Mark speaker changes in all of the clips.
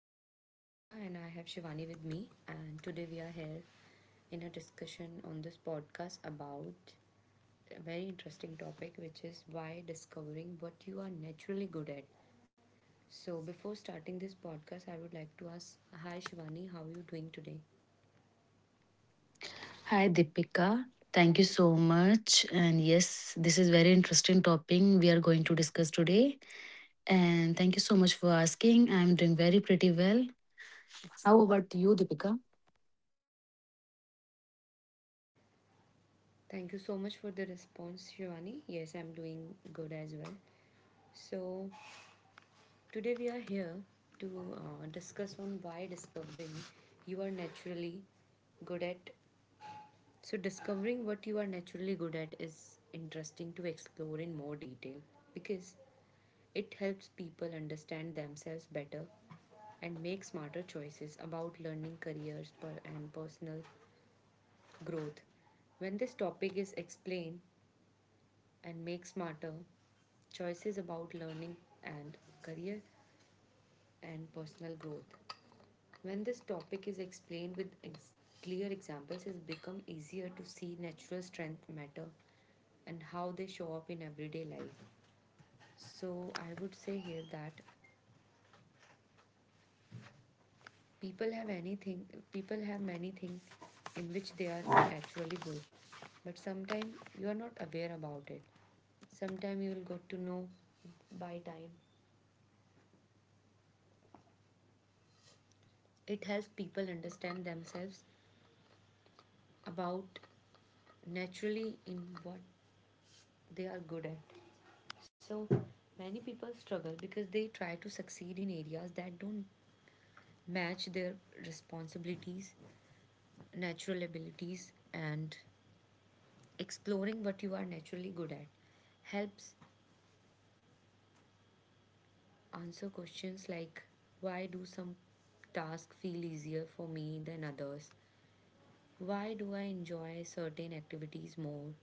Speaker 1: My name is Deepika and I have Shivani with me. And today we are here in a discussion on this podcast about a very interesting topic, which is why discovering what you are naturally good at. So, before starting this podcast, I would like to ask, hi, Shivani, how are you doing today?
Speaker 2: Hi Deepika.
Speaker 1: Thank you
Speaker 2: Thank you
Speaker 1: so
Speaker 2: so much. And yes, this is very interesting topic we are going to discuss today. And thank you so much for asking. I'm doing very pretty well. How about you, Deepika?
Speaker 1: much. Thank you so much for the response, Shivani. Yes, I'm doing good as well. So, today we are here to discuss on why discovering you are naturally good at. So discovering what you are naturally good at is interesting to explore in more detail because it helps people understand themselves better and make smarter choices about learning careers and personal growth. When this topic is explained and make smarter, choices about learning and career and personal growth. When this topic is explained with clear examples, it's become easier to see natural strength matter and how they show up in everyday life. So I would say here that people have anything, people have many things in which they are naturally good, but sometimes you are not aware about it. Sometimes you will got to know by time. It helps people understand themselves about naturally in what they are good at. So many people struggle because they try to succeed in areas that don't match their responsibilities, natural abilities, and exploring what you are naturally good at helps answer questions like, why do some tasks feel easier for me than others? Why do I enjoy certain activities more?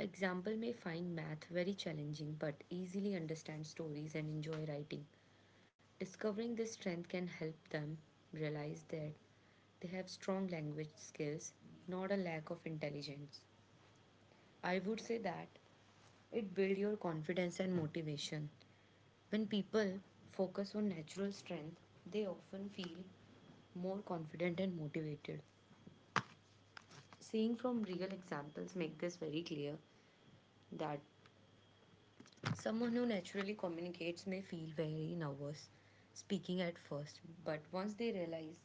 Speaker 1: Example may find math very challenging but easily understand stories and enjoy writing. Discovering this strength can help them realize that they have strong language skills, not a lack of intelligence. I would say that it builds your confidence and motivation. When people focus on natural strength, they often feel more confident and motivated. Seeing from real examples make this very clear that someone who naturally communicates may feel very nervous speaking at first, but once they realize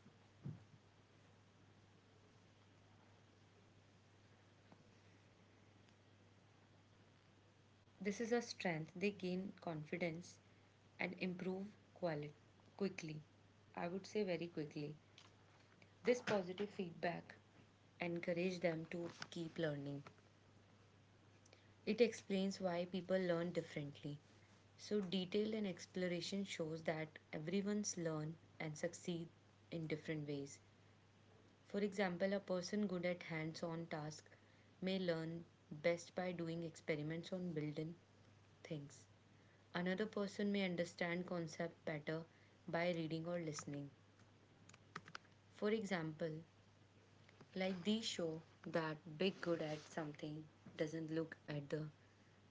Speaker 1: this is a strength. They gain confidence and improve quality quickly. I would say very quickly. This positive feedback encourage them to keep learning. It explains why people learn differently. So detail and exploration shows that everyone's learn and succeed in different ways. For example, a person good at hands-on task may learn best by doing experiments on building things. Another person may understand concept better by reading or listening. For example, like these show that big good at something doesn't look at the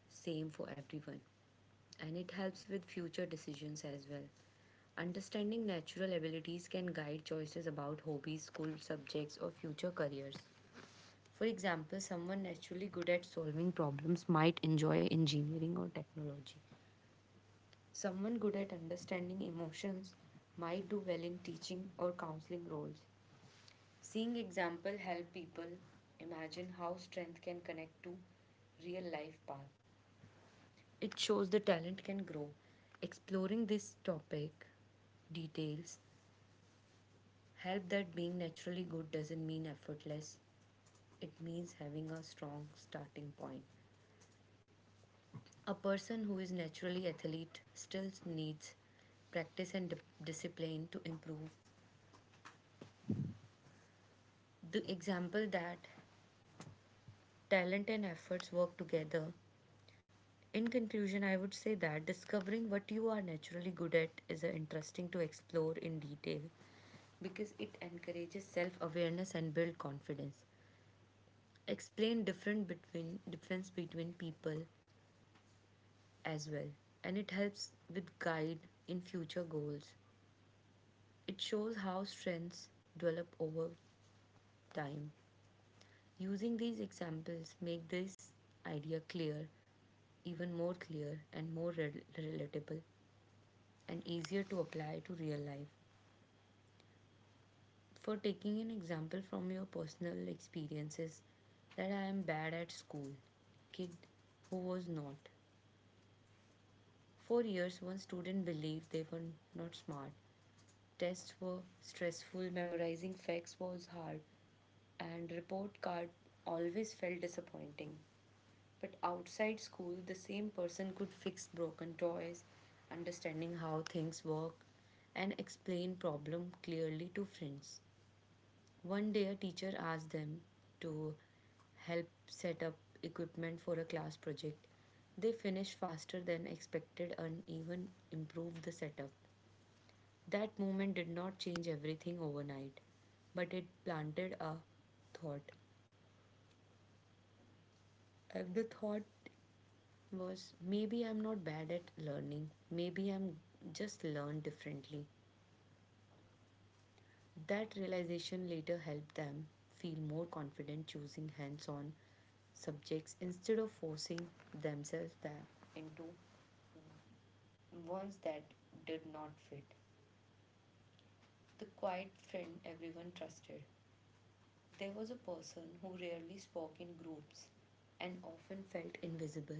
Speaker 1: same for everyone, and it helps with future decisions as well. Understanding natural abilities can guide choices about hobbies, school subjects, or future careers. For example, someone naturally good at solving problems might enjoy engineering or technology. Someone good at understanding emotions might do well in teaching or counseling roles. Seeing example help people imagine how strength can connect to real life path. It shows the talent can grow. Exploring this topic details help that being naturally good doesn't mean effortless. It means having a strong starting point. A person who is naturally athlete still needs practice and discipline to improve the example that talent and efforts work together. In conclusion, I would say that discovering what you are naturally good at is interesting to explore in detail because it encourages self-awareness and build confidence. Explain different between difference between people as well, and it helps with guide in future goals. It shows how strengths develop over time. Using these examples make this idea clear, even more clear and more relatable and easier to apply to real life. For taking an example from your personal experiences that I am bad at school, kid who was not. For years one student believed they were not smart. Tests were stressful, memorizing facts was hard, and report card always felt disappointing. But outside school, the same person could fix broken toys, understanding how things work, and explain problem clearly to friends. One day, a teacher asked them to help set up equipment for a class project. They finished faster than expected and even improved the setup. That moment did not change everything overnight, but it planted a thought. And the thought was, maybe I'm not bad at learning, maybe I'm just learn differently. That realization later helped them feel more confident choosing hands on subjects instead of forcing themselves into ones that did not fit. The quiet friend everyone trusted. There was a person who rarely spoke in groups and often felt invisible.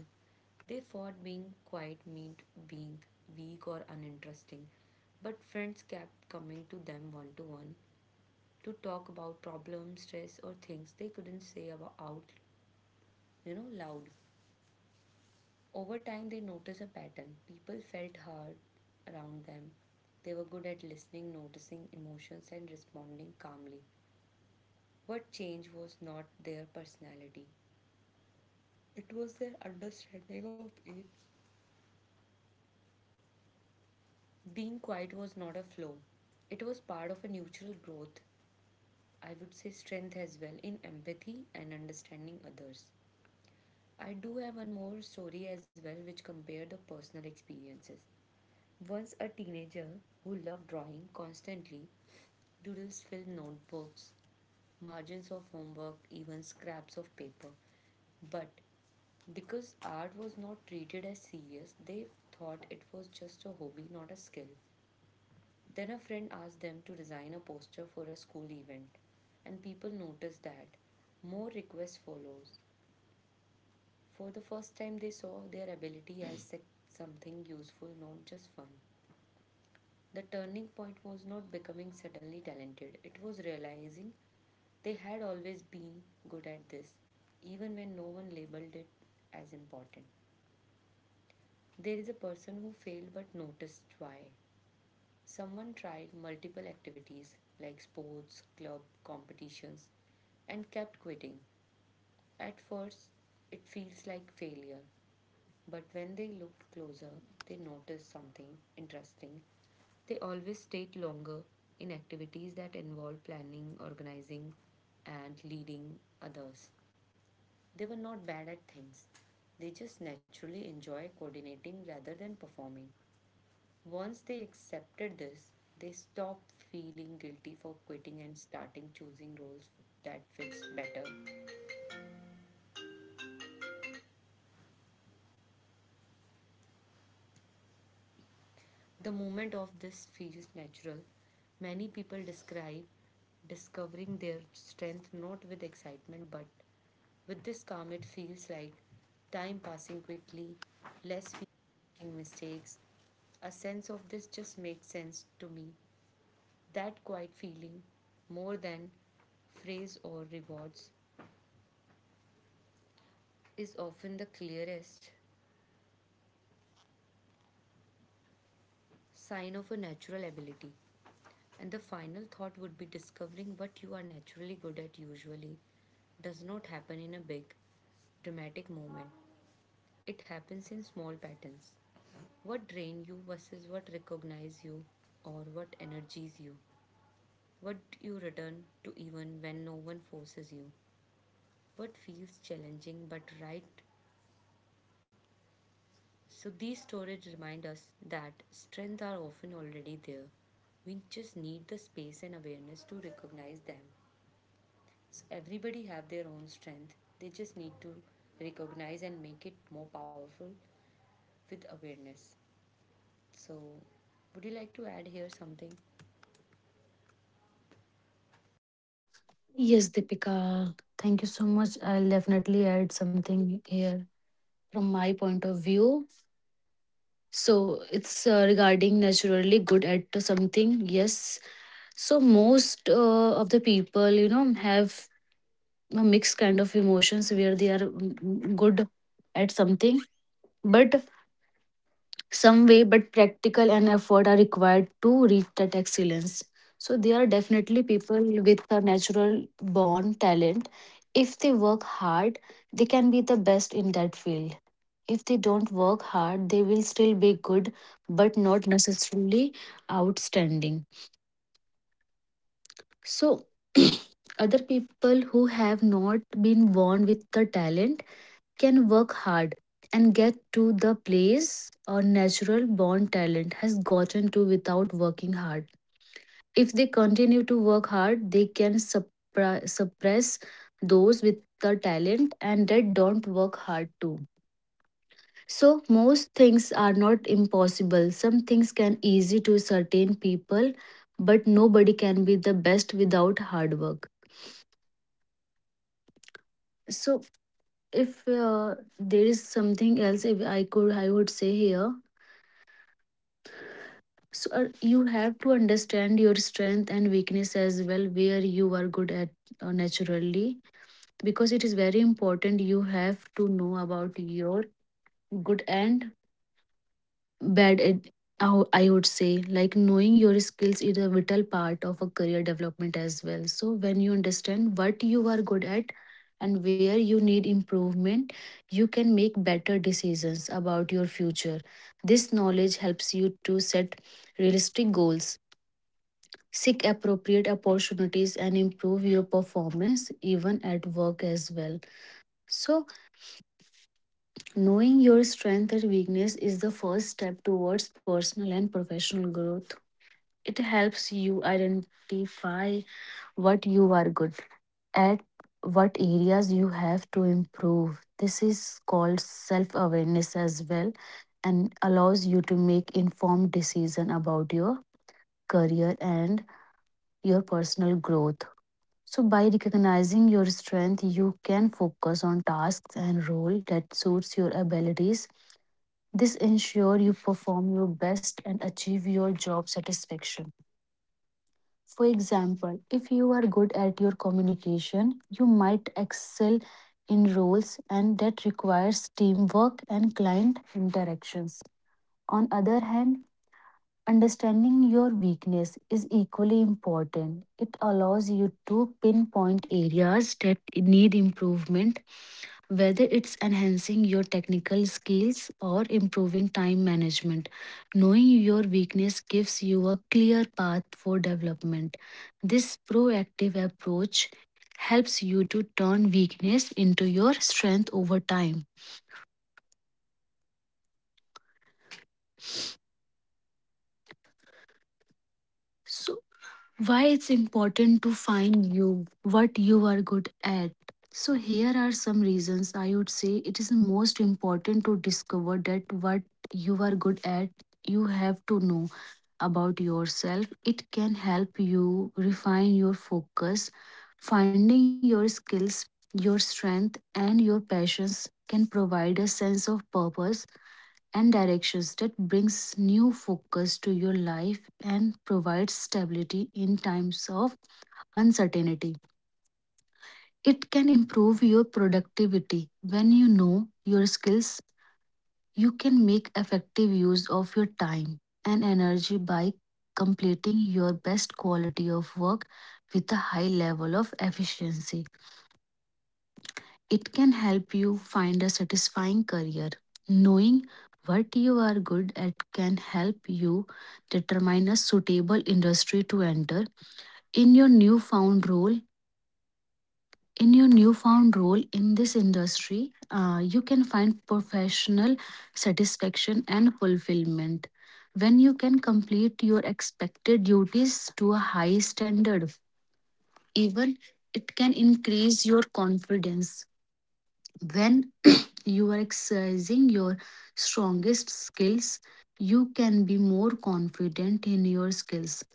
Speaker 1: They thought being quiet meant being weak or uninteresting, but friends kept coming to them one to one to talk about problems, stress, or things they couldn't say about out, loud. Over time, they noticed a pattern. People felt hard around them. They were good at listening, noticing emotions, and responding calmly. What changed was not their personality, it was their understanding of it. Being quiet was not a flaw, it was part of a natural growth. I would say strength as well in empathy and understanding others. I do have one more story as well which compare the personal experiences. Once a teenager who loved drawing constantly doodles filled notebooks, margins of homework, even scraps of paper. But because art was not treated as serious, they thought it was just a hobby, not a skill. Then a friend asked them to design a poster for a school event, and people noticed that more requests follows. For the first time, they saw their ability as something useful, not just fun. The turning point was not becoming suddenly talented; it was realizing they had always been good at this, even when no one labeled it as important. There is a person who failed but noticed why. Someone tried multiple activities like sports, club, competitions, and kept quitting. At first, it feels like failure, but when they looked closer, they noticed something interesting. They always stayed longer in activities that involved planning, organizing, and leading others. They were not bad at things, they just naturally enjoy coordinating rather than performing. Once they accepted this, they stopped feeling guilty for quitting and starting choosing roles that fits better. The moment of this feels natural. Many people describe discovering their strength not with excitement but with this calm, it feels like time passing quickly, less making mistakes. A sense of this just makes sense to me. That quiet feeling, more than praise or rewards, is often the clearest sign of a natural ability. And the final thought would be discovering what you are naturally good at usually does not happen in a big, dramatic moment. It happens in small patterns. What drains you versus what recognizes you or what energizes you. What you return to even when no one forces you. What feels challenging but right. So these stories remind us that strengths are often already there. We just need the space and awareness to recognize them. So everybody have their own strength. They just need to recognize and make it more powerful with awareness. So would you like to add here something?
Speaker 2: Yes, Deepika. Thank you so much. I'll definitely add something here from my point of view. So it's regarding naturally good at something. Yes. So most of the people, you know, have a mixed kind of emotions where they are good at something but some way but practical and effort are required to reach that excellence. So there are definitely people with a natural born talent. If they work hard, they can be the best in that field. If they don't work hard, they will still be good but not necessarily outstanding. So other people who have not been born with the talent can work hard and get to the place a natural born talent has gotten to without working hard. If they continue to work hard, they can suppress those with the talent and that don't work hard too. So most things are not impossible. Some things can easy to certain people, but nobody can be the best without hard work. So if there is something else if I could I would say here. So you have to understand your strength and weakness as well, where you are good at naturally, because it is very important. You have to know about your good and bad. At, I would say, like knowing your skills is a vital part of a career development as well. So when you understand what you are good at and where you need improvement, you can make better decisions about your future. This knowledge helps you to set realistic goals, seek appropriate opportunities and improve your performance even at work as well. So, knowing your strength and weakness is the first step towards personal and professional growth. It helps you identify what you are good at, what areas you have to improve. This is called self awareness as well and allows you to make informed decision about your career and your personal growth. So, by recognizing your strength, you can focus on tasks and role that suits your abilities. This ensure you perform your best and achieve your job satisfaction. For example, if you are good at your communication, you might excel in roles and that requires teamwork and client interactions. On other hand, understanding your weakness is equally important. It allows you to pinpoint areas that need improvement, whether it's enhancing your technical skills or improving time management. Knowing your weakness gives you a clear path for development. This proactive approach helps you to turn weakness into your strength over time. So, why it's important to find you what you are good at? So here are some reasons. I would say it is most important to discover that what you are good at. You have to know about yourself. It can help you refine your focus. Finding your skills, your strength and your passions can provide a sense of purpose and directions that brings new focus to your life and provides stability in times of uncertainty. It can improve your productivity. When you know your skills, you can make effective use of your time and energy by completing your best quality of work with a high level of efficiency. It can help you find a satisfying career. Knowing what you are good at can help you determine a suitable industry to enter. In your newfound role, in your newfound role in this industry, you can find professional satisfaction and fulfillment when you can complete your expected duties to a high standard. Even it can increase your confidence. When you are exercising your strongest skills, you can be more confident in your skills.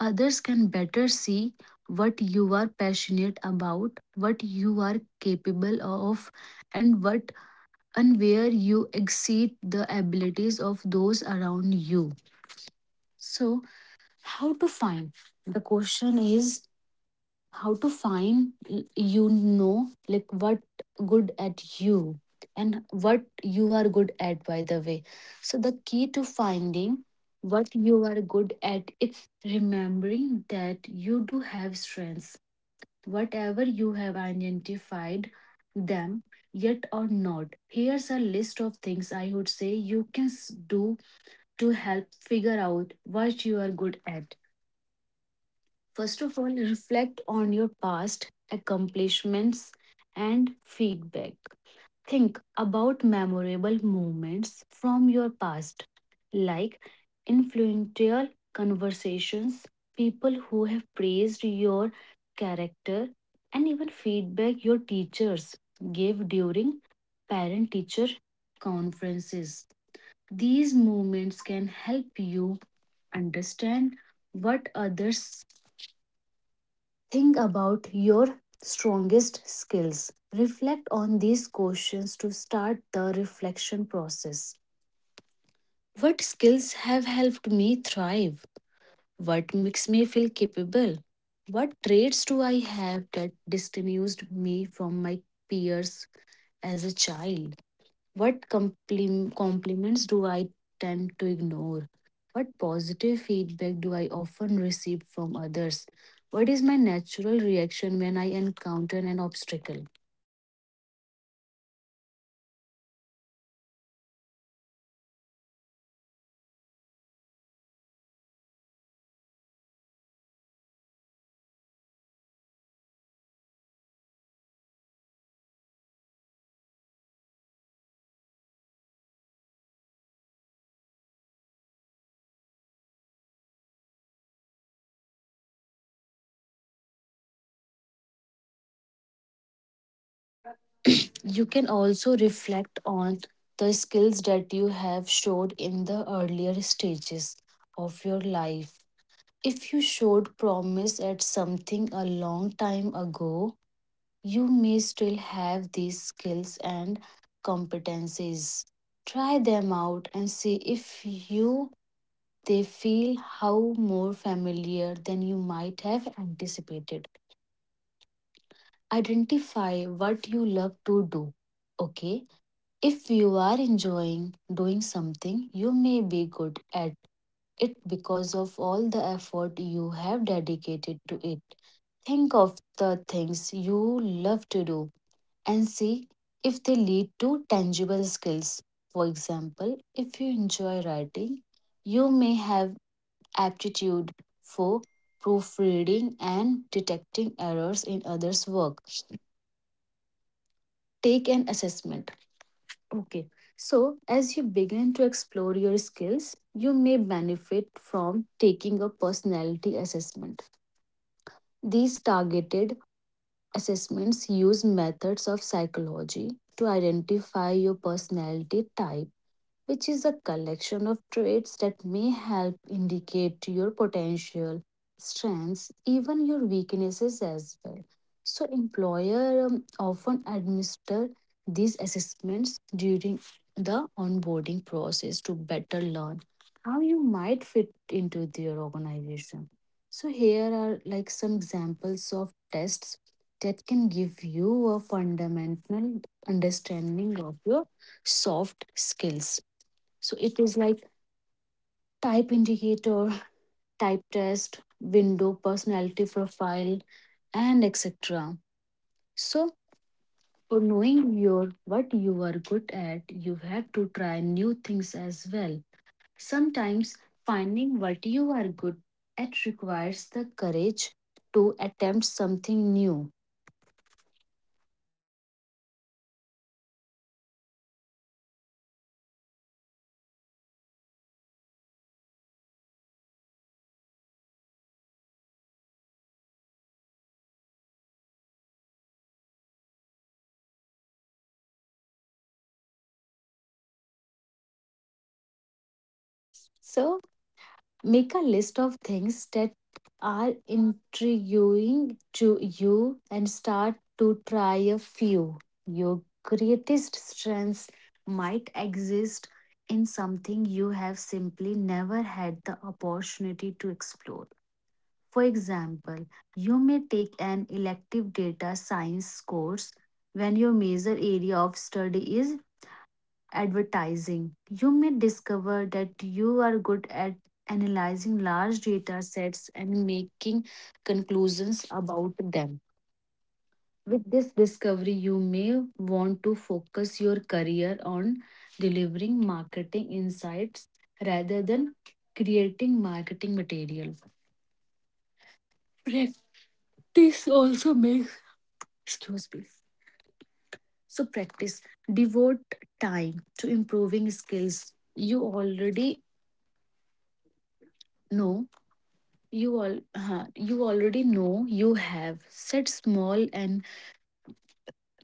Speaker 2: Others can better see what you are passionate about, what you are capable of, and what and where you exceed the abilities of those around you. So, how to find? The question is how to find, you know, like what good at you and what you are good at by the way. So the key to finding what you are good at, it's remembering that you do have strengths, whatever you have identified them yet or not. Here's a list of things I would say you can do to help figure out what you are good at. First of all, reflect on your past accomplishments and feedback. Think about memorable moments from your past, like influential conversations, people who have praised your character, and even feedback your teachers gave during parent teacher conferences. These moments can help you understand what others think about your strongest skills. Reflect on these questions to start the reflection process. What skills have helped me thrive? What makes me feel capable? What traits do I have that distinguished me from my peers as a child? What compliments do I tend to ignore? What positive feedback do I often receive from others? What is my natural reaction when I encounter an obstacle? You can also reflect on the skills that you have showed in the earlier stages of your life. If you showed promise at something a long time ago, you may still have these skills and competencies. Try them out and see if you they feel how more familiar than you might have anticipated. Identify what you love to do. Okay, if you are enjoying doing something, you may be good at it because of all the effort you have dedicated to it. Think of the things you love to do and see if they lead to tangible skills. For example, if you enjoy writing, you may have aptitude for proofreading and detecting errors in others' work. Take an assessment. Okay, so as you begin to explore your skills, you may benefit from taking a personality assessment. These targeted assessments use methods of psychology to identify your personality type, which is a collection of traits that may help indicate your potential strengths, even your weaknesses as well. So, employer often administer these assessments during the onboarding process to better learn how you might fit into their organization. So, here are like some examples of tests that can give you a fundamental understanding of your soft skills. So it is like type indicator, type test, window personality profile, and etc. So for knowing your what you are good at, you have to try new things as well. Sometimes finding what you are good at requires the courage to attempt something new. So make a list of things that are intriguing to you and start to try a few. Your greatest strengths might exist in something you have simply never had the opportunity to explore. For example, you may take an elective data science course when your major area of study is advertising. You may discover that you are good at analyzing large data sets and making conclusions about them. With this discovery, you may want to focus your career on delivering marketing insights rather than creating marketing material. Practice also makes, excuse me. So, practice. Devote time to improving skills you already know. You already know. You have set small and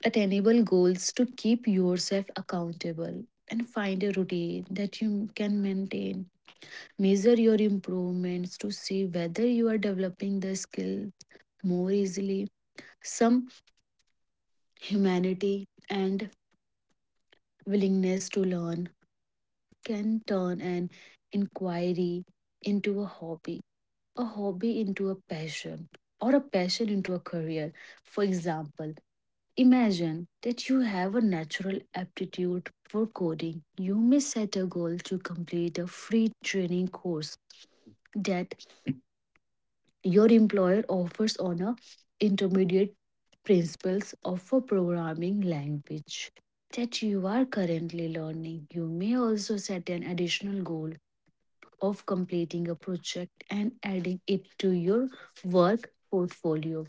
Speaker 2: attainable goals to keep yourself accountable and find a routine that you can maintain. Measure your improvements to see whether you are developing the skill more easily. Some humanity and willingness to learn can turn an inquiry into a hobby, a hobby into a passion, or a passion into a career. For example, imagine that you have a natural aptitude for coding. You may set a goal to complete a free training course that your employer offers on a intermediate principles of a programming language that you are currently learning. You may also set an additional goal of completing a project and adding it to your work portfolio.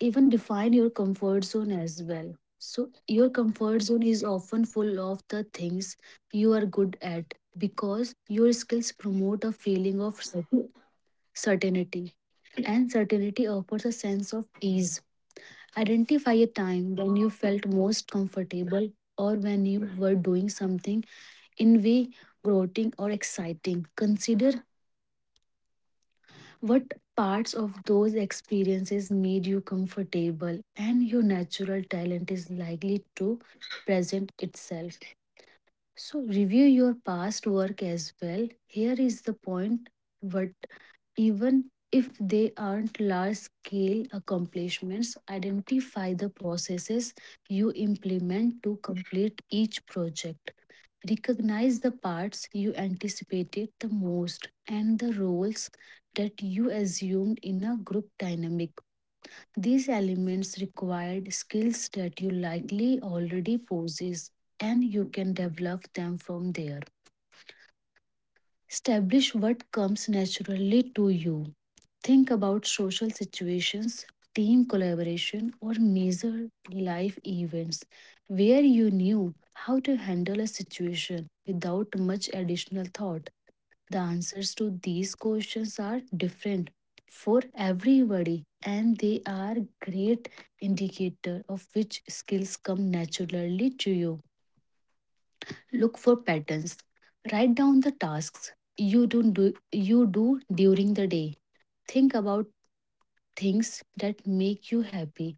Speaker 2: Even define your comfort zone as well. So, your comfort zone is often full of the things you are good at because your skills promote a feeling of certainty, and certainty offers a sense of ease. Identify a time when you felt most comfortable or when you were doing something in way groating or exciting. Consider what parts of those experiences made you comfortable and your natural talent is likely to present itself. So, review your past work as well. Here is the point, but even if they aren't large scale accomplishments, identify the processes you implement to complete each project. Recognize the parts you anticipated the most and the roles that you assumed in a group dynamic. These elements required skills that you likely already possess and you can develop them from there. Establish what comes naturally to you. Think about social situations, team collaboration, or major life events where you knew how to handle a situation without much additional thought. The answers to these questions are different for everybody, and they are great indicator of which skills come naturally to you. Look for patterns. Write down the tasks you do during the day. Think about things that make you happy,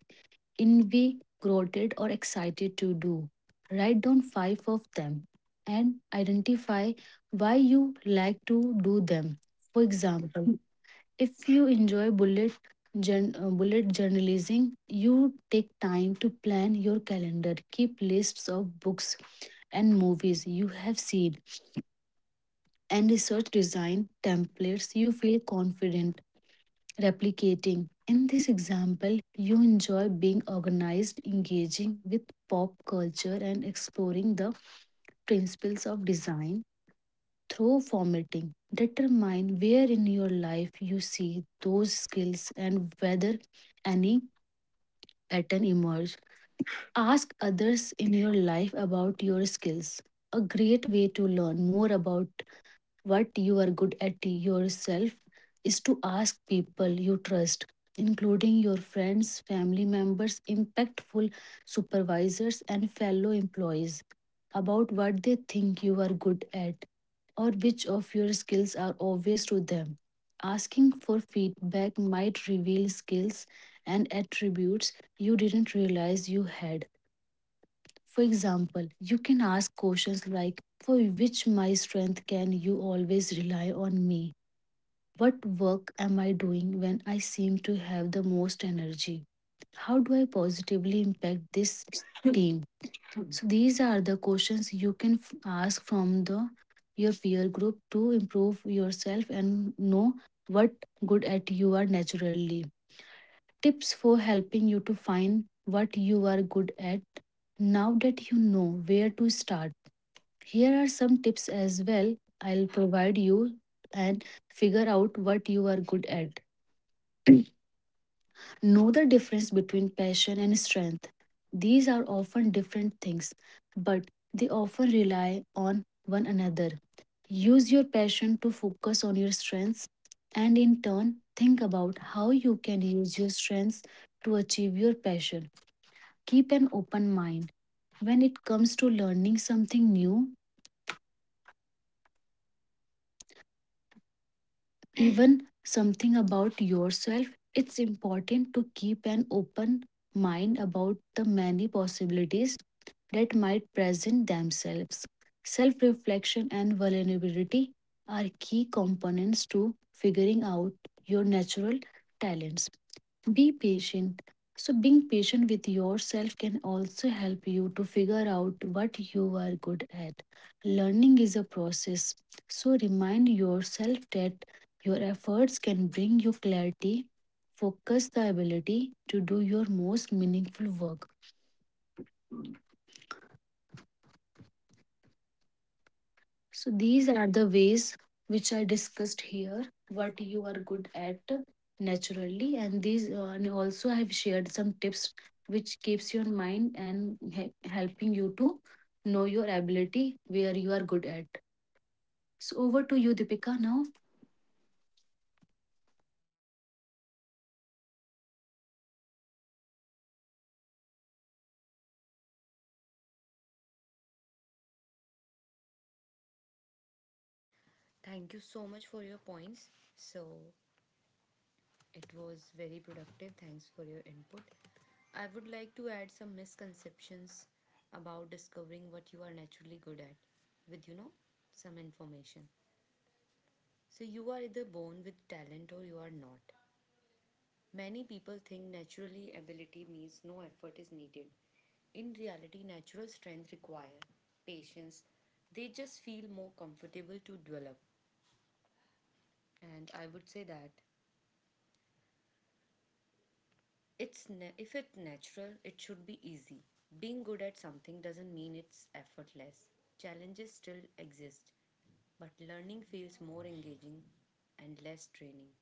Speaker 2: invigorated, or excited to do. Write down five of them and identify why you like to do them. For example, if you enjoy bullet journalism, you take time to plan your calendar, keep lists of books and movies you have seen, and research design templates you feel confident replicating. In this example, you enjoy being organized, engaging with pop culture, and exploring the principles of design through formatting. Determine where in your life you see those skills and whether any pattern emerge. Ask others in your life about your skills. A great way to learn more about what you are good at yourself is to ask people you trust, including your friends, family members, impactful supervisors, and fellow employees, about what they think you are good at or which of your skills are obvious to them. Asking for feedback might reveal skills and attributes you didn't realize you had. For example, you can ask questions like, for which my strength can you always rely on me? What work am I doing when I seem to have the most energy? How do I positively impact this team? So these are the questions you can ask from the your peer group to improve yourself and know what good at you are naturally. Tips for helping you to find what you are good at now that you know where to start. Here are some tips as well I'll provide you and figure out what you are good at. Know the difference between passion and strength. These are often different things, but they often rely on one another. Use your passion to focus on your strengths, and in turn think about how you can use your strengths to achieve your passion. Keep an open mind. When it comes to learning something new, even something about yourself, it's important to keep an open mind about the many possibilities that might present themselves. Self reflection and vulnerability are key components to figuring out your natural talents. Be patient. So, being patient with yourself can also help you to figure out what you are good at. Learning is a process. So, remind yourself that your efforts can bring you clarity, focus, the ability to do your most meaningful work. So these are the ways which I discussed here, what you are good at naturally, and these and also I have shared some tips which keeps your mind and helping you to know your ability where you are good at. So over to you, Deepika. Now,
Speaker 1: Thank you so much for your points. So it was very productive. Thanks for your input. I would like to add some misconceptions about discovering what you are naturally good at with, some information. So, you are either born with talent or you are not. Many people think naturally ability means no effort is needed. In reality, natural strength require patience. They just feel more comfortable to develop. And I would say that, if it's natural, it should be easy. Being good at something doesn't mean it's effortless. Challenges still exist, but learning feels more engaging and less training.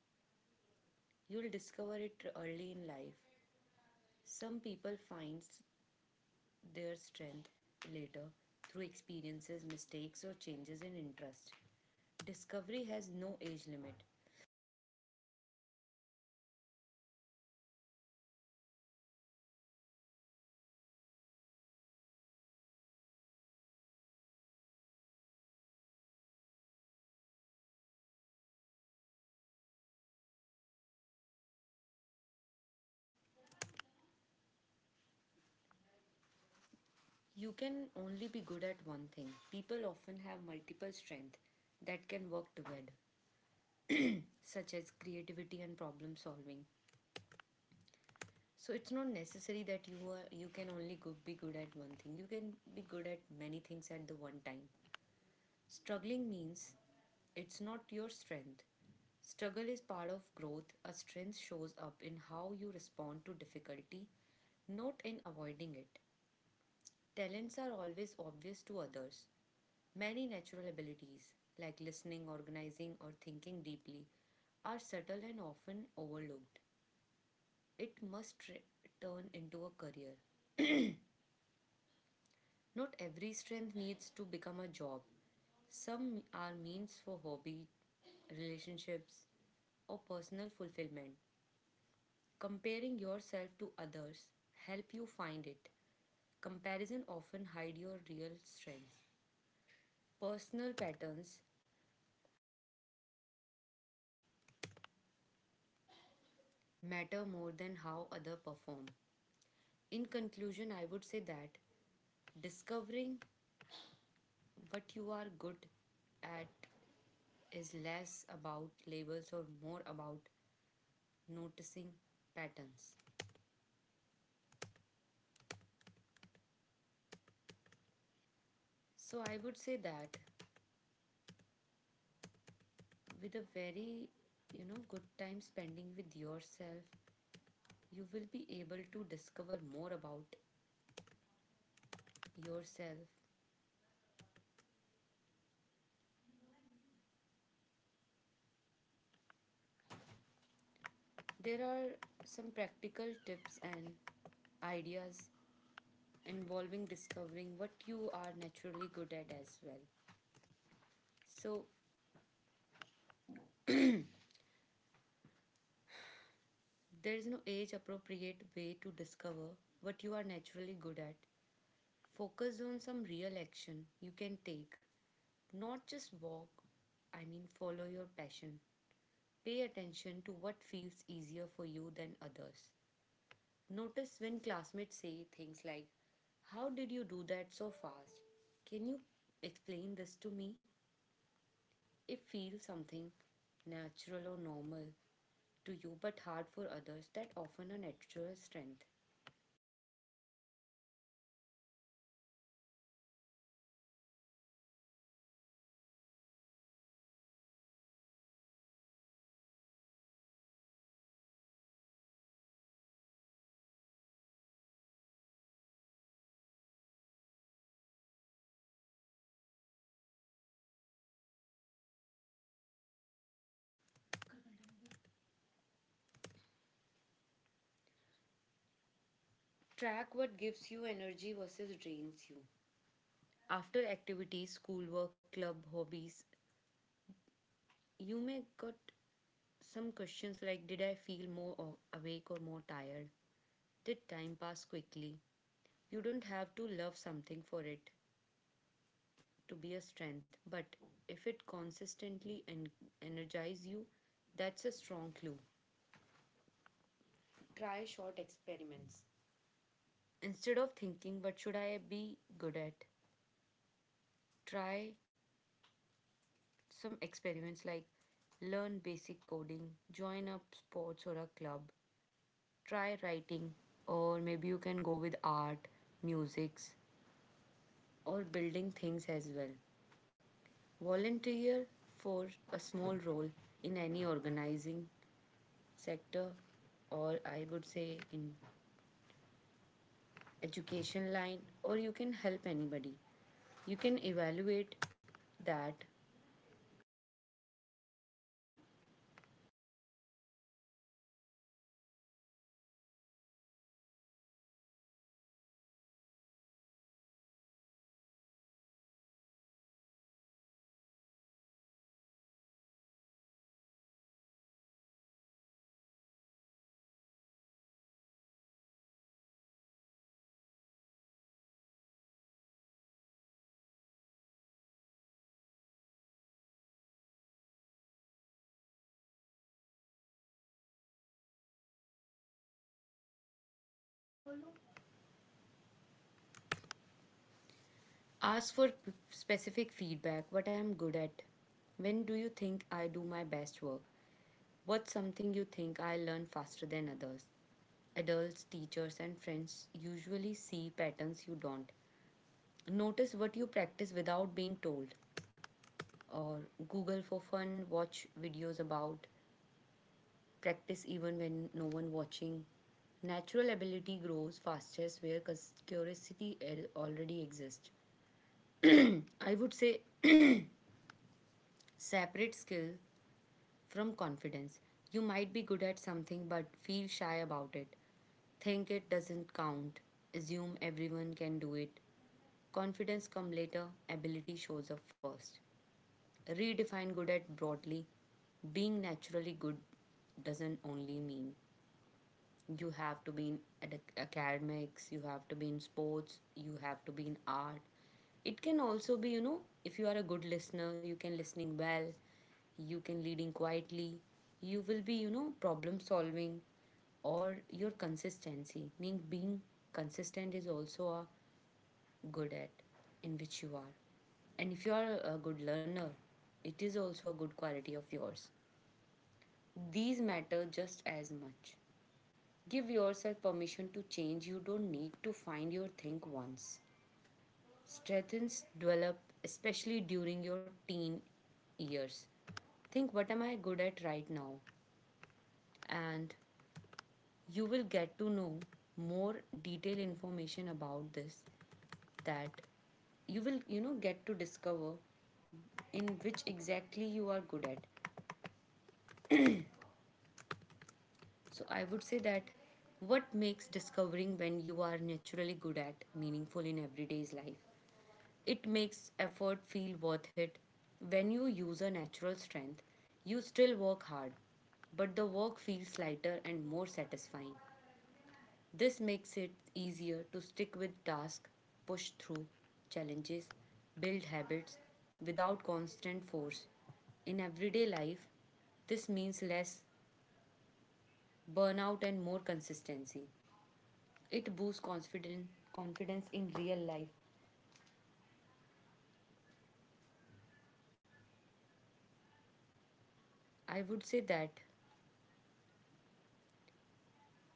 Speaker 1: You'll discover it early in life. Some people find their strength later through experiences, mistakes, or changes in interest. Discovery has no age limit. You can only be good at one thing. People often have multiple strengths that can work together, such as creativity and problem solving. So it's not necessary that you can only go, be good at one thing. You can be good at many things at the one time. Struggling means it's not your strength. Struggle is part of growth. A strength shows up in how you respond to difficulty, not in avoiding it. Talents are always obvious to others. Many natural abilities, like listening, organizing, or thinking deeply, are subtle and often overlooked. It must turn into a career. Not every strength needs to become a job. Some are means for hobby, relationships, or personal fulfillment. Comparing yourself to others help you find it. Comparison often hide your real strength. Personal patterns matter more than how other perform. In conclusion, I would say that discovering what you are good at is less about labels or more about noticing patterns. So I would say that with a very good time spending with yourself, you will be able to discover more about yourself. There are some practical tips and ideas involving discovering what you are naturally good at as well. So there is no age appropriate way to discover what you are naturally good at. Focus on some real action you can take, not just walk. I mean, follow your passion. Pay attention to what feels easier for you than others. Notice when classmates say things like, how did you do that so fast? Can you explain this to me? It feels something natural or normal to you but hard for others, that often a natural strength. Track what gives you energy versus drains you. After activities, schoolwork, club, hobbies, you may got some questions like, did I feel more awake or more tired? Did time pass quickly? You don't have to love something for it to be a strength, but if it consistently energizes you, that's a strong clue. Try short experiments. Instead of thinking what should I be good at, try some experiments like learn basic coding, join up sports or a club. Try writing, or maybe you can go with art, musics, or building things as well. Volunteer for a small role in any organizing sector, or I would say in education line, or you can help anybody. You can evaluate that. Ask for specific feedback, what I'm good at. When do you think I do my best work? What's something you think I learn faster than others? Adults, teachers, and friends usually see patterns you don't. Notice what you practice without being told, or Google for fun, watch videos about, practice even when no one watching. Natural ability grows fastest where curiosity already exists. I would say, separate skill from confidence. You might be good at something but feel shy about it. Think it doesn't count. Assume everyone can do it. Confidence comes later, ability shows up first. Redefine good at broadly. Being naturally good doesn't only mean you have to be in academics, you have to be in sports, you have to be in art. It can also be, if you are a good listener, you can listening well, you can leading quietly, you will be, problem solving, or your consistency, meaning being consistent is also a good at in which you are. And if you are a good learner, it is also a good quality of yours. These matter just as much. Give yourself permission to change. You don't need to find your thing once. Strengths develop, especially during your teen years. Think, what am I good at right now? And you will get to know more detailed information about this, that you will, get to discover in which exactly you are good at. So I would say that, what makes discovering when you are naturally good at meaningful in everyday's life? It makes effort feel worth it. When you use a natural strength, you still work hard, but the work feels lighter and more satisfying. This makes it easier to stick with tasks, push through challenges, build habits without constant force. In everyday life, this means less burnout and more consistency. It boosts confidence, confidence in real life. I would say that,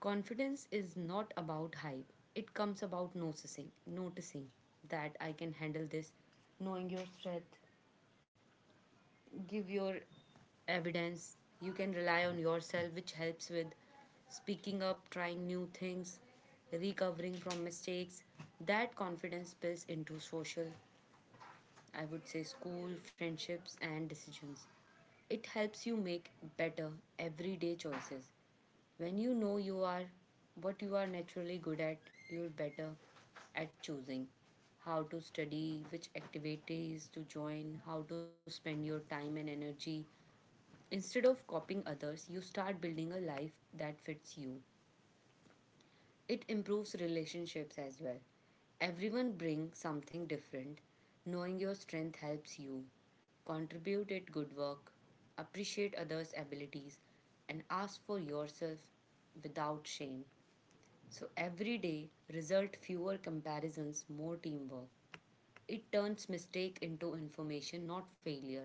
Speaker 1: confidence is not about hype. It comes about noticing that I can handle this, knowing your strength, give your evidence, you can rely on yourself, which helps with speaking up, trying new things, recovering from mistakes. That confidence spills into social, I would say school, friendships and decisions. It helps you make better everyday choices. When you know you are what you are naturally good at, you're better at choosing how to study, which activities to join, how to spend your time and energy. Instead of copying others, you start building a life that fits you. It improves relationships as well. Everyone brings something different. Knowing your strength helps you contribute at good work, appreciate others' abilities, and ask for yourself without shame. So every day result fewer comparisons, more teamwork. It turns mistake into information, not failure.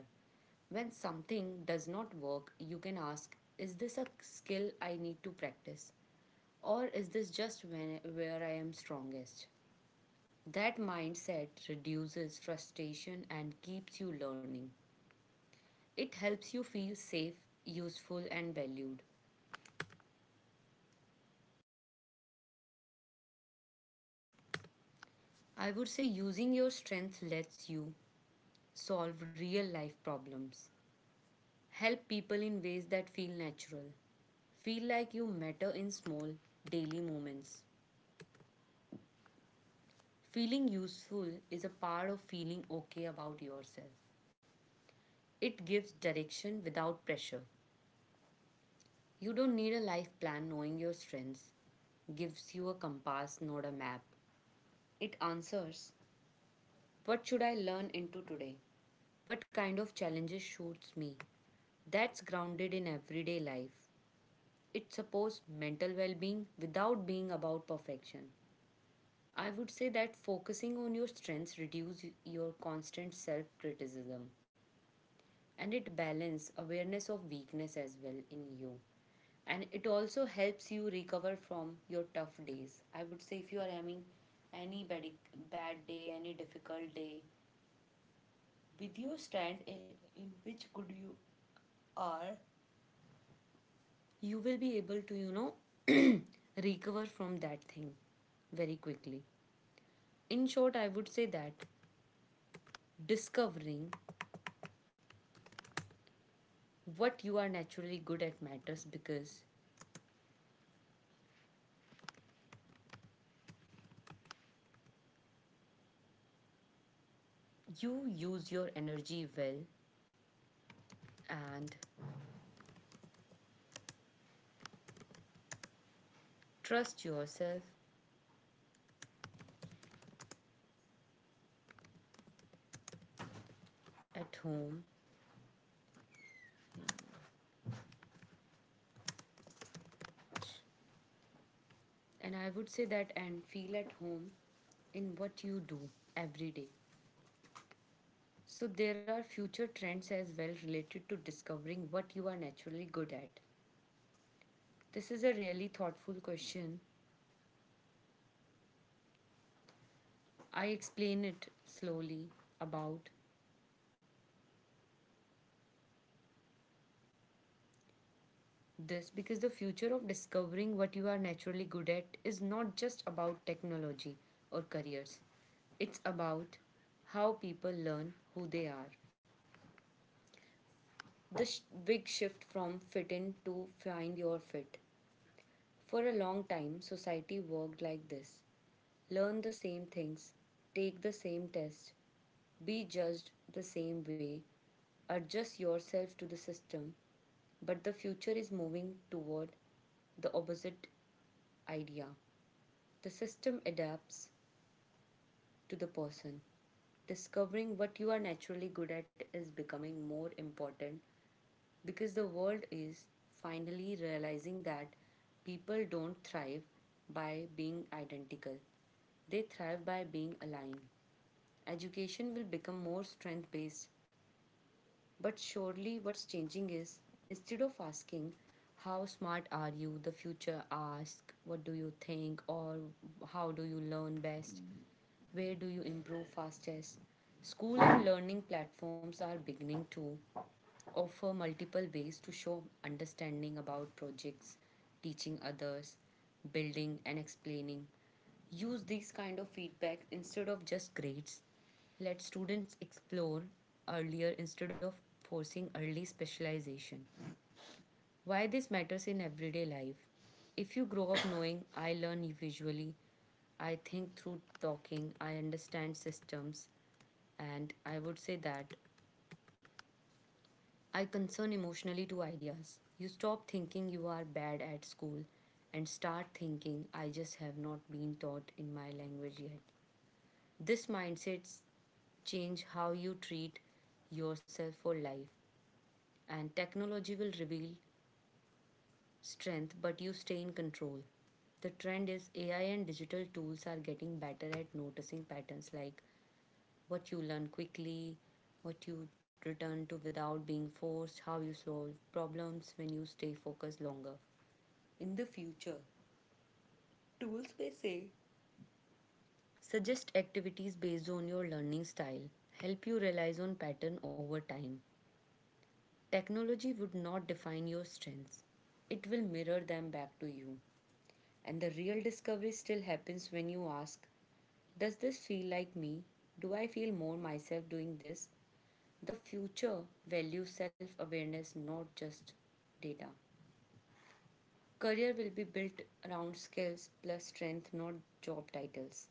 Speaker 1: When something does not work, you can ask, is this a skill I need to practice? Or is this just when, where I am strongest? That mindset reduces frustration and keeps you learning. It helps you feel safe, useful, and valued. I would say using your strength lets you solve real life problems. Help people in ways that feel natural. Feel like you matter in small, daily moments. Feeling useful is a part of feeling okay about yourself. It gives direction without pressure. You don't need a life plan, knowing your strengths. Gives you a compass, not a map. It answers, what should I learn into today? What kind of challenges suits me? That's grounded in everyday life. It supports mental well being without being about perfection. I would say that focusing on your strengths reduce your constant self-criticism, and it balance awareness of weakness as well in you. And it also helps you recover from your tough days. I would say if you are having any bad day, any difficult day, with your strength in which could you are, you will be able to, recover from that thing very quickly. In short, I would say that discovering what you are naturally good at matters because you use your energy well and trust yourself at home. And I would say that and feel at home in what you do every day. So there are future trends as well related to discovering what you are naturally good at. This is a really thoughtful question. I explain it slowly about this because the future of discovering what you are naturally good at is not just about technology or careers. It's about how people learn who they are. The big shift from fit in to find your fit. For a long time, society worked like this: learn the same things, take the same tests, be judged the same way, adjust yourself to the system. But the future is moving toward the opposite idea. The system adapts to the person. Discovering what you are naturally good at is becoming more important because the world is finally realizing that people don't thrive by being identical. They thrive by being aligned. Education will become more strength based, but surely what's changing is, instead of asking, how smart are you? The future asks, what do you think? Or how do you learn best? Where do you improve fastest? School and learning platforms are beginning to offer multiple ways to show understanding about projects, teaching others, building and explaining. Use these kind of feedback instead of just grades. Let students explore earlier instead of forcing early specialization. Why this matters in everyday life. If you grow up knowing I learn visually, I think through talking, I understand systems, and I would say that I concern emotionally to ideas. You stop thinking you are bad at school and start thinking I just have not been taught in my language yet. This mindset change how you treat yourself for life. And technology will reveal strength, but you stay in control. The trend is AI and digital tools are getting better at noticing patterns like what you learn quickly, what you return to without being forced, how you solve problems when you stay focused longer. In the future, tools may say, suggest activities based on your learning style, help you realize on pattern over time. Technology would not define your strengths. It will mirror them back to you. And the real discovery still happens when you ask, does this feel like me? Do I feel more myself doing this? The future values self awareness, not just data. Career will be built around skills plus strength, not job titles.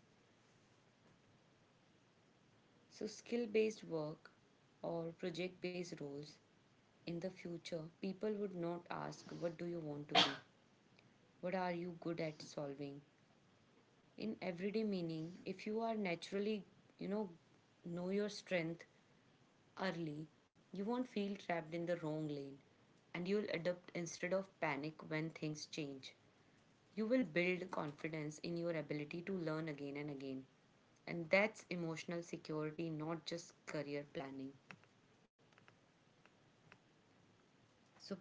Speaker 1: So, skill based work or project based roles in the future, people would not ask, what do you want to be? What are you good at solving? In everyday meaning, if you are naturally, you know know your strength early, you won't feel trapped in the wrong lane, and you'll adapt instead of panic when things change. You will build confidence in your ability to learn again and again, and that's emotional security, not just career planning. So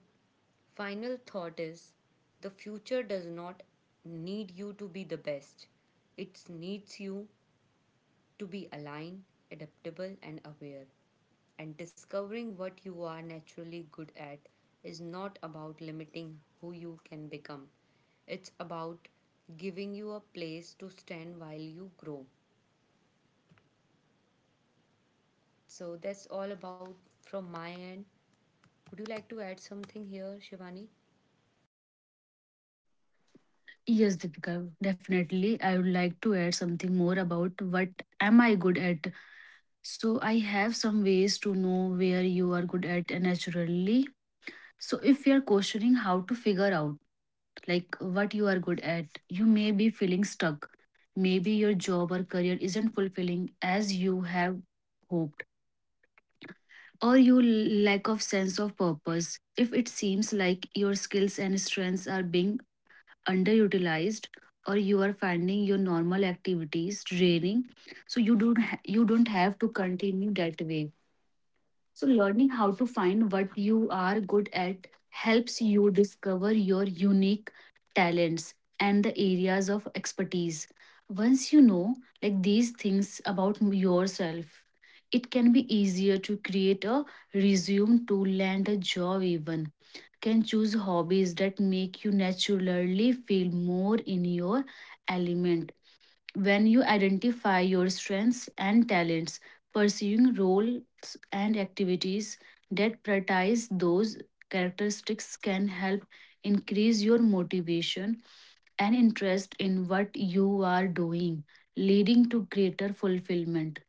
Speaker 1: final thought is, the future does not need you to be the best. It needs you to be aligned, adaptable, and aware. And discovering what you are naturally good at is not about limiting who you can become, it's about giving you a place to stand while you grow. So that's all about from my end. Would you like to add something here, Shivani?
Speaker 2: yes, Deepika, definitely. I would like to add something more about what am I good at. So I have some ways to know where you are good at naturally. So if you are questioning how to figure out like what you are good at. You may be feeling stuck. Maybe your job or career isn't fulfilling as you have hoped, or you lack of sense of purpose. If it seems like your skills and strengths are being underutilized, or you are finding your normal activities draining, so you don't have to continue that way. So, learning how to find what you are good at helps you discover your unique talents and the areas of expertise. Once you know like these things about yourself, it can be easier to create a resume to land a job even. Can choose hobbies that make you naturally feel more in your element. When you identify your strengths and talents, pursuing roles and activities that prioritize those characteristics can help increase your motivation and interest in what you are doing, leading to greater fulfillment.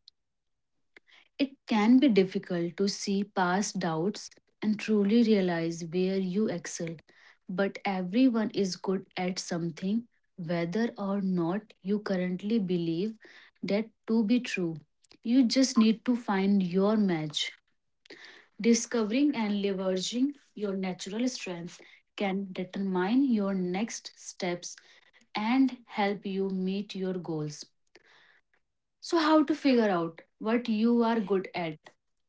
Speaker 2: It can be difficult to see past doubts and truly realize where you excel, but everyone is good at something, whether or not you currently believe that to be true. You just need to find your match. Discovering and leveraging your natural strengths can determine your next steps and help you meet your goals. So, how to figure out what you are good at?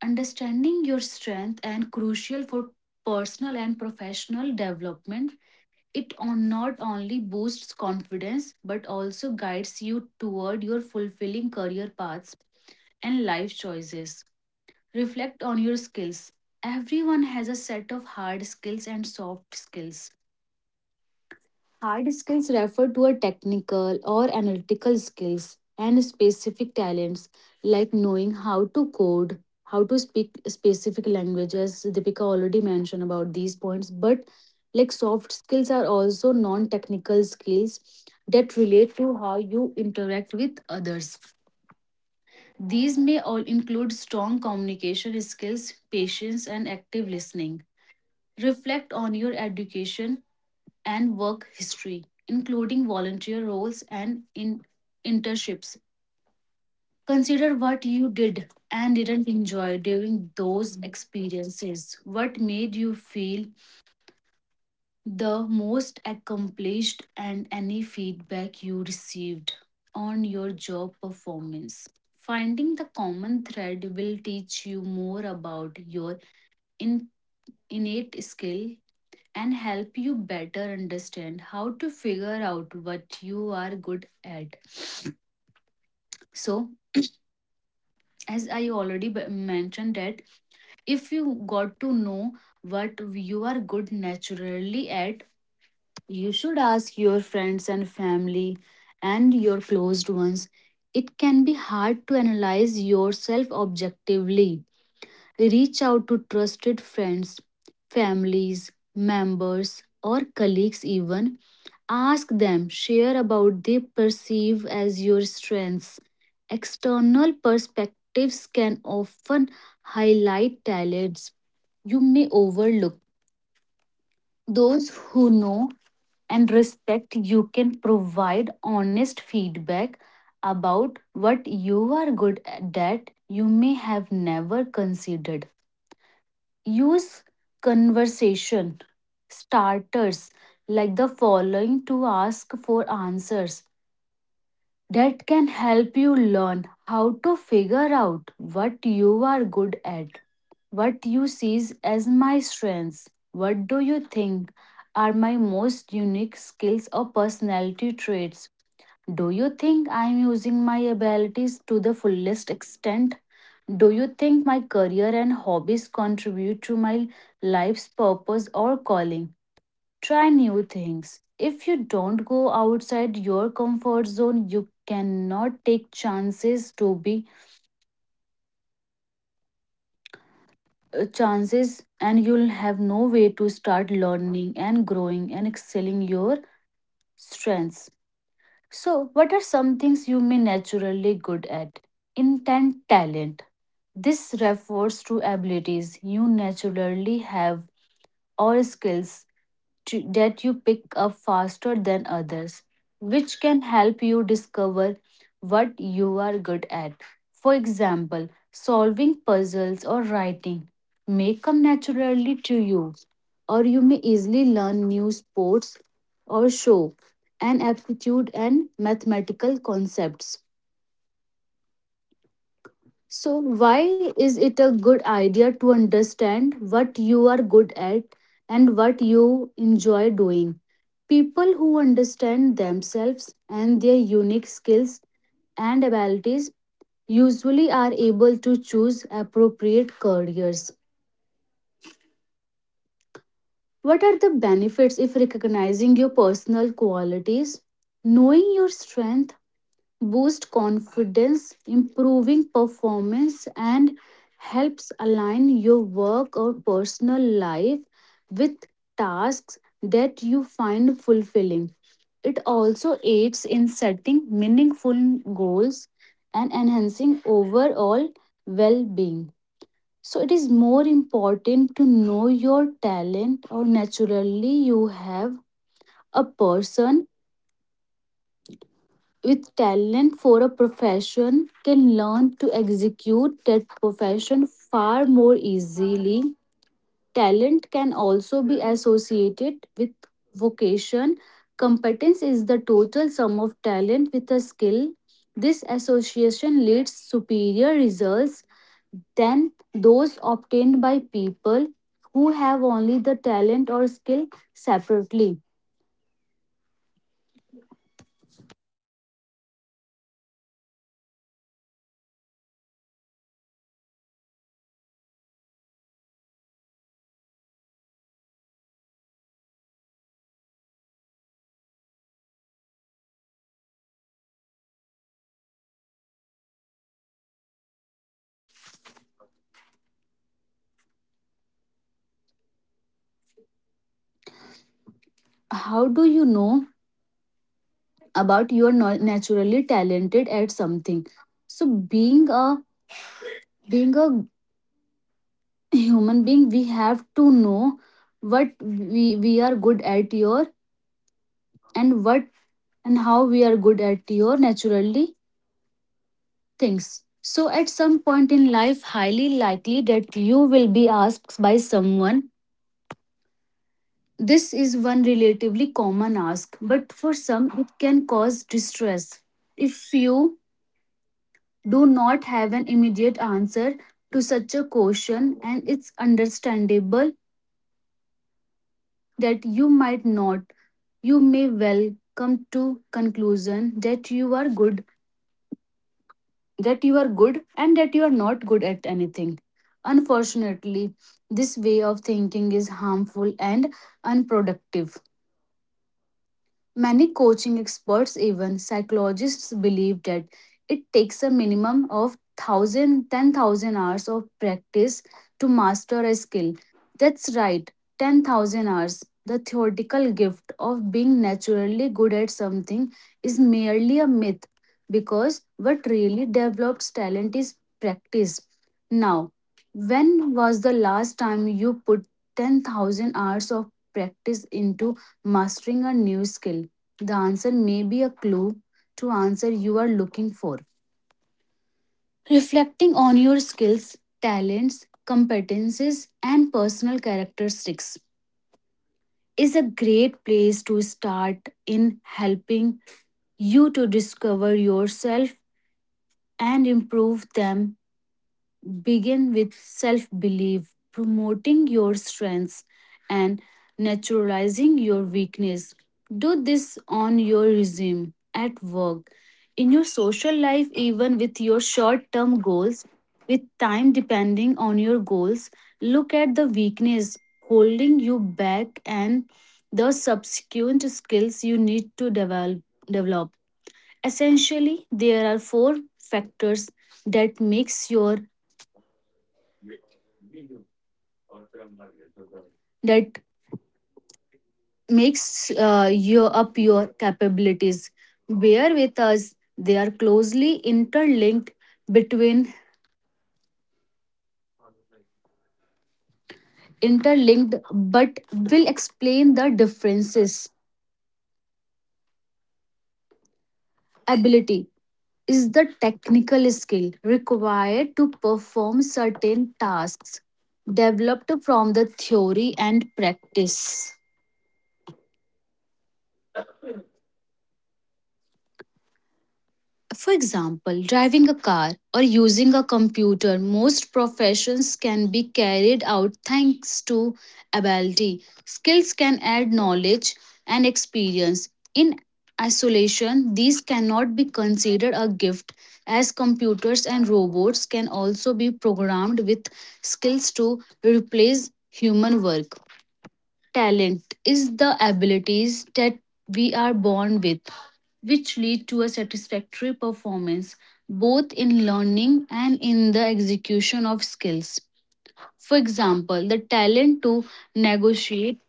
Speaker 2: Understanding your strength and crucial for personal and professional development. It on not only boosts confidence but also guides you toward your fulfilling career paths and life choices. Reflect on your skills. Everyone has a set of hard skills and soft skills. Hard skills refer to a technical or analytical skills and specific talents like knowing how to code, how to speak specific languages. Deepika already mentioned about these points, but like soft skills are also non-technical skills that relate to how you interact with others. These may all include strong communication skills, patience, and active listening. Reflect on your education and work history, including volunteer roles and internships. Consider what you did and didn't enjoy during those experiences. What made you feel the most accomplished, and any feedback you received on your job performance. Finding the common thread will teach you more about your in- innate skill and help you better understand how to figure out what you are good at. So, as I already mentioned that if you got to know what you are good naturally at, you should ask your friends and family and your closed ones. It can be hard to analyze yourself objectively. Reach out to trusted friends, families, members, or colleagues even. Ask them, share about they perceive as your strengths. External perspectives can often highlight talents you may overlook. Those who know and respect you can provide honest feedback about what you are good at that you may have never considered. Use conversation starters like the following to ask for answers that can help you learn how to figure out what you are good at, what you see as my strengths, what do you think are my most unique skills or personality traits. Do you think I am using my abilities to the fullest extent? Do you think my career and hobbies contribute to my life's purpose or calling? Try new things. If you don't go outside your comfort zone, you cannot take chances to be chances, and you'll have no way to start learning and growing and excelling your strengths. So, what are some things you may naturally good at? Intent talent. This refers to abilities you naturally have or skills that you pick up faster than others, which can help you discover what you are good at. For example, solving puzzles or writing may come naturally to you, or you may easily learn new sports or show an aptitude and mathematical concepts. So, why is it a good idea to understand what you are good at and what you enjoy doing? People who understand themselves and their unique skills and abilities usually are able to choose appropriate careers. What are the benefits if recognizing your personal qualities? Knowing your strength boost confidence, improving performance, and helps align your work or personal life with tasks that you find fulfilling. It also aids in setting meaningful goals and enhancing overall well being. So, it is more important to know your talent or naturally you have. A person with talent for a profession can learn to execute that profession far more easily. Talent can also be associated with vocation. Competence is the total sum of talent with a skill. This association leads superior results than those obtained by people who have only the talent or skill separately. How do you know about you are not naturally talented at something, so being a human being we have to know what we are good at your and what and how we are good at your naturally things. So, at some point in life, highly likely that you will be asked by someone. This is one relatively common ask, but for some, it can cause distress. If you do not have an immediate answer to such a question, and it's understandable that you might not. You may well come to conclusion that you are good, that you are good, and that you are not good at anything. Unfortunately, this way of thinking is harmful and unproductive. Many coaching experts, even psychologists, believe that it takes a minimum of 1000 10,000 hours of practice to master a skill. That's right, 10,000 hours. The theoretical gift of being naturally good at something is merely a myth because what really develops talent is practice. Now, when was the last time you put 10,000 hours of practice into mastering a new skill? The answer may be a clue to answer you are looking for. Reflecting on your skills, talents, competences, and personal characteristics is a great place to start in helping you to discover yourself and improve them. Begin with self belief, promoting your strengths and naturalizing your weakness. Do this on your resume, at work, in your social life, even with your short term goals. With time depending on your goals, look at the weakness holding you back and the subsequent skills you need to develop. Essentially, there are four factors that that makes your up your capabilities. Bear with us; they are closely interlinked between interlinked, but will explain the differences. Ability is the technical skill required to perform certain tasks developed from the theory and practice. For example, driving a car or using a computer, most professions can be carried out thanks to ability. Skills can add knowledge and experience. In isolation, these cannot be considered a gift, as computers and robots can also be programmed with skills to replace human work. Talent is the abilities that we are born with, which lead to a satisfactory performance both in learning and in the execution of skills. For example, the talent to negotiate,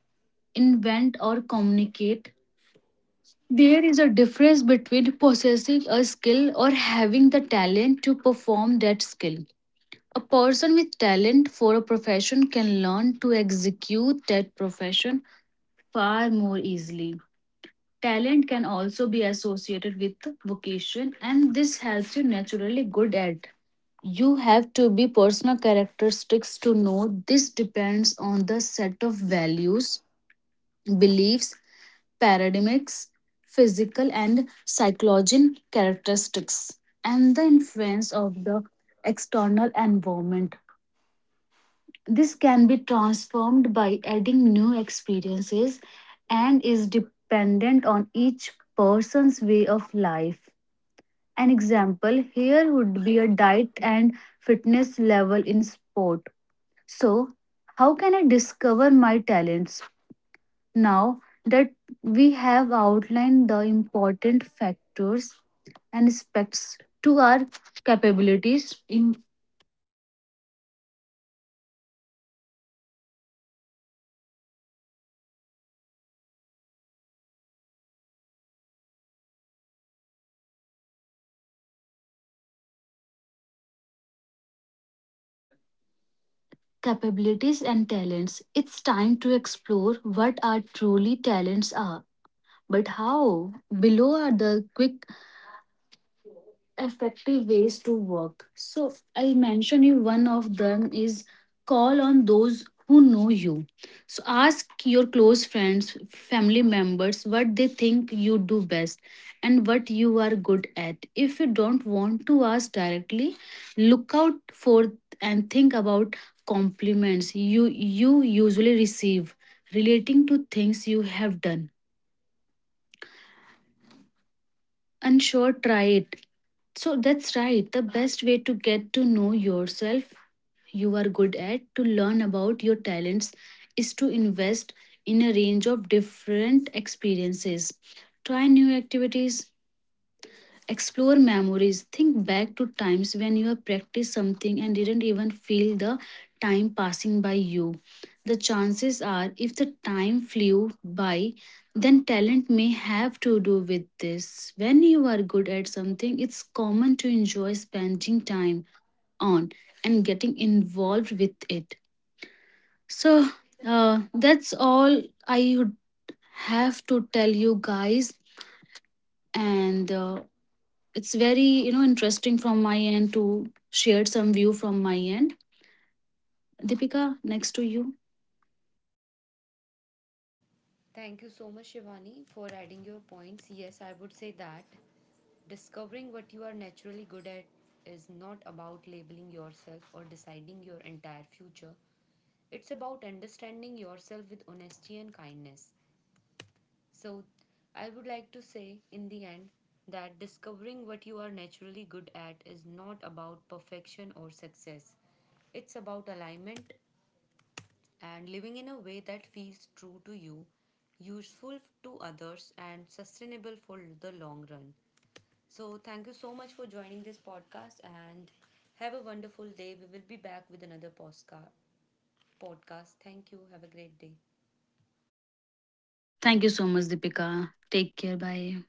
Speaker 2: invent, or communicate. There is a difference between possessing a skill or having the talent to perform that skill. A person with talent for a profession can learn to execute that profession far more easily. Talent can also be associated with vocation, and this helps you naturally good at. You have to be personal characteristics to know this depends on the set of values, beliefs, paradigms, physical and psychological characteristics, and the influence of the external environment. This can be transformed by adding new experiences and is dependent on each person's way of life. An example here would be a diet and fitness level in sport. So, how can I discover my talents? Now that we have outlined the important factors and aspects to our capabilities, in. Capabilities and talents. It's time to explore what our truly talents are. But how? Below are the quick effective ways to work. So I'll mention you one of them is call on those who know you. So ask your close friends, family members what they think you do best and what you are good at. If you don't want to ask directly, look out for and think about compliments you usually receive relating to things you have done. And sure, try it. So that's right. The best way to get to know yourself, you are good at, to learn about your talents, is to invest in a range of different experiences. Try new activities, explore memories. Think back to times when you have practiced something and didn't even feel the time passing by you. The chances are, if the time flew by, then talent may have to do with this. When you are good at something, it's common to enjoy spending time on and getting involved with it. So, that's all I would have to tell you guys. And it's very you know interesting from my end to share some view from my end. Deepika, next to you.
Speaker 1: Thank you so much, Shivani, for adding your points. Yes, I would say that discovering what you are naturally good at is not about labeling yourself or deciding your entire future. It's about understanding yourself with honesty and kindness. So, I would like to say in the end that discovering what you are naturally good at is not about perfection or success. It's about alignment and living in a way that feels true to you, useful to others, and sustainable for the long run. So, thank you so much for joining this podcast and have a wonderful day. We will be back with another podcast. Thank you. Have a great day.
Speaker 2: Thank you so much, Deepika. Take care. Bye.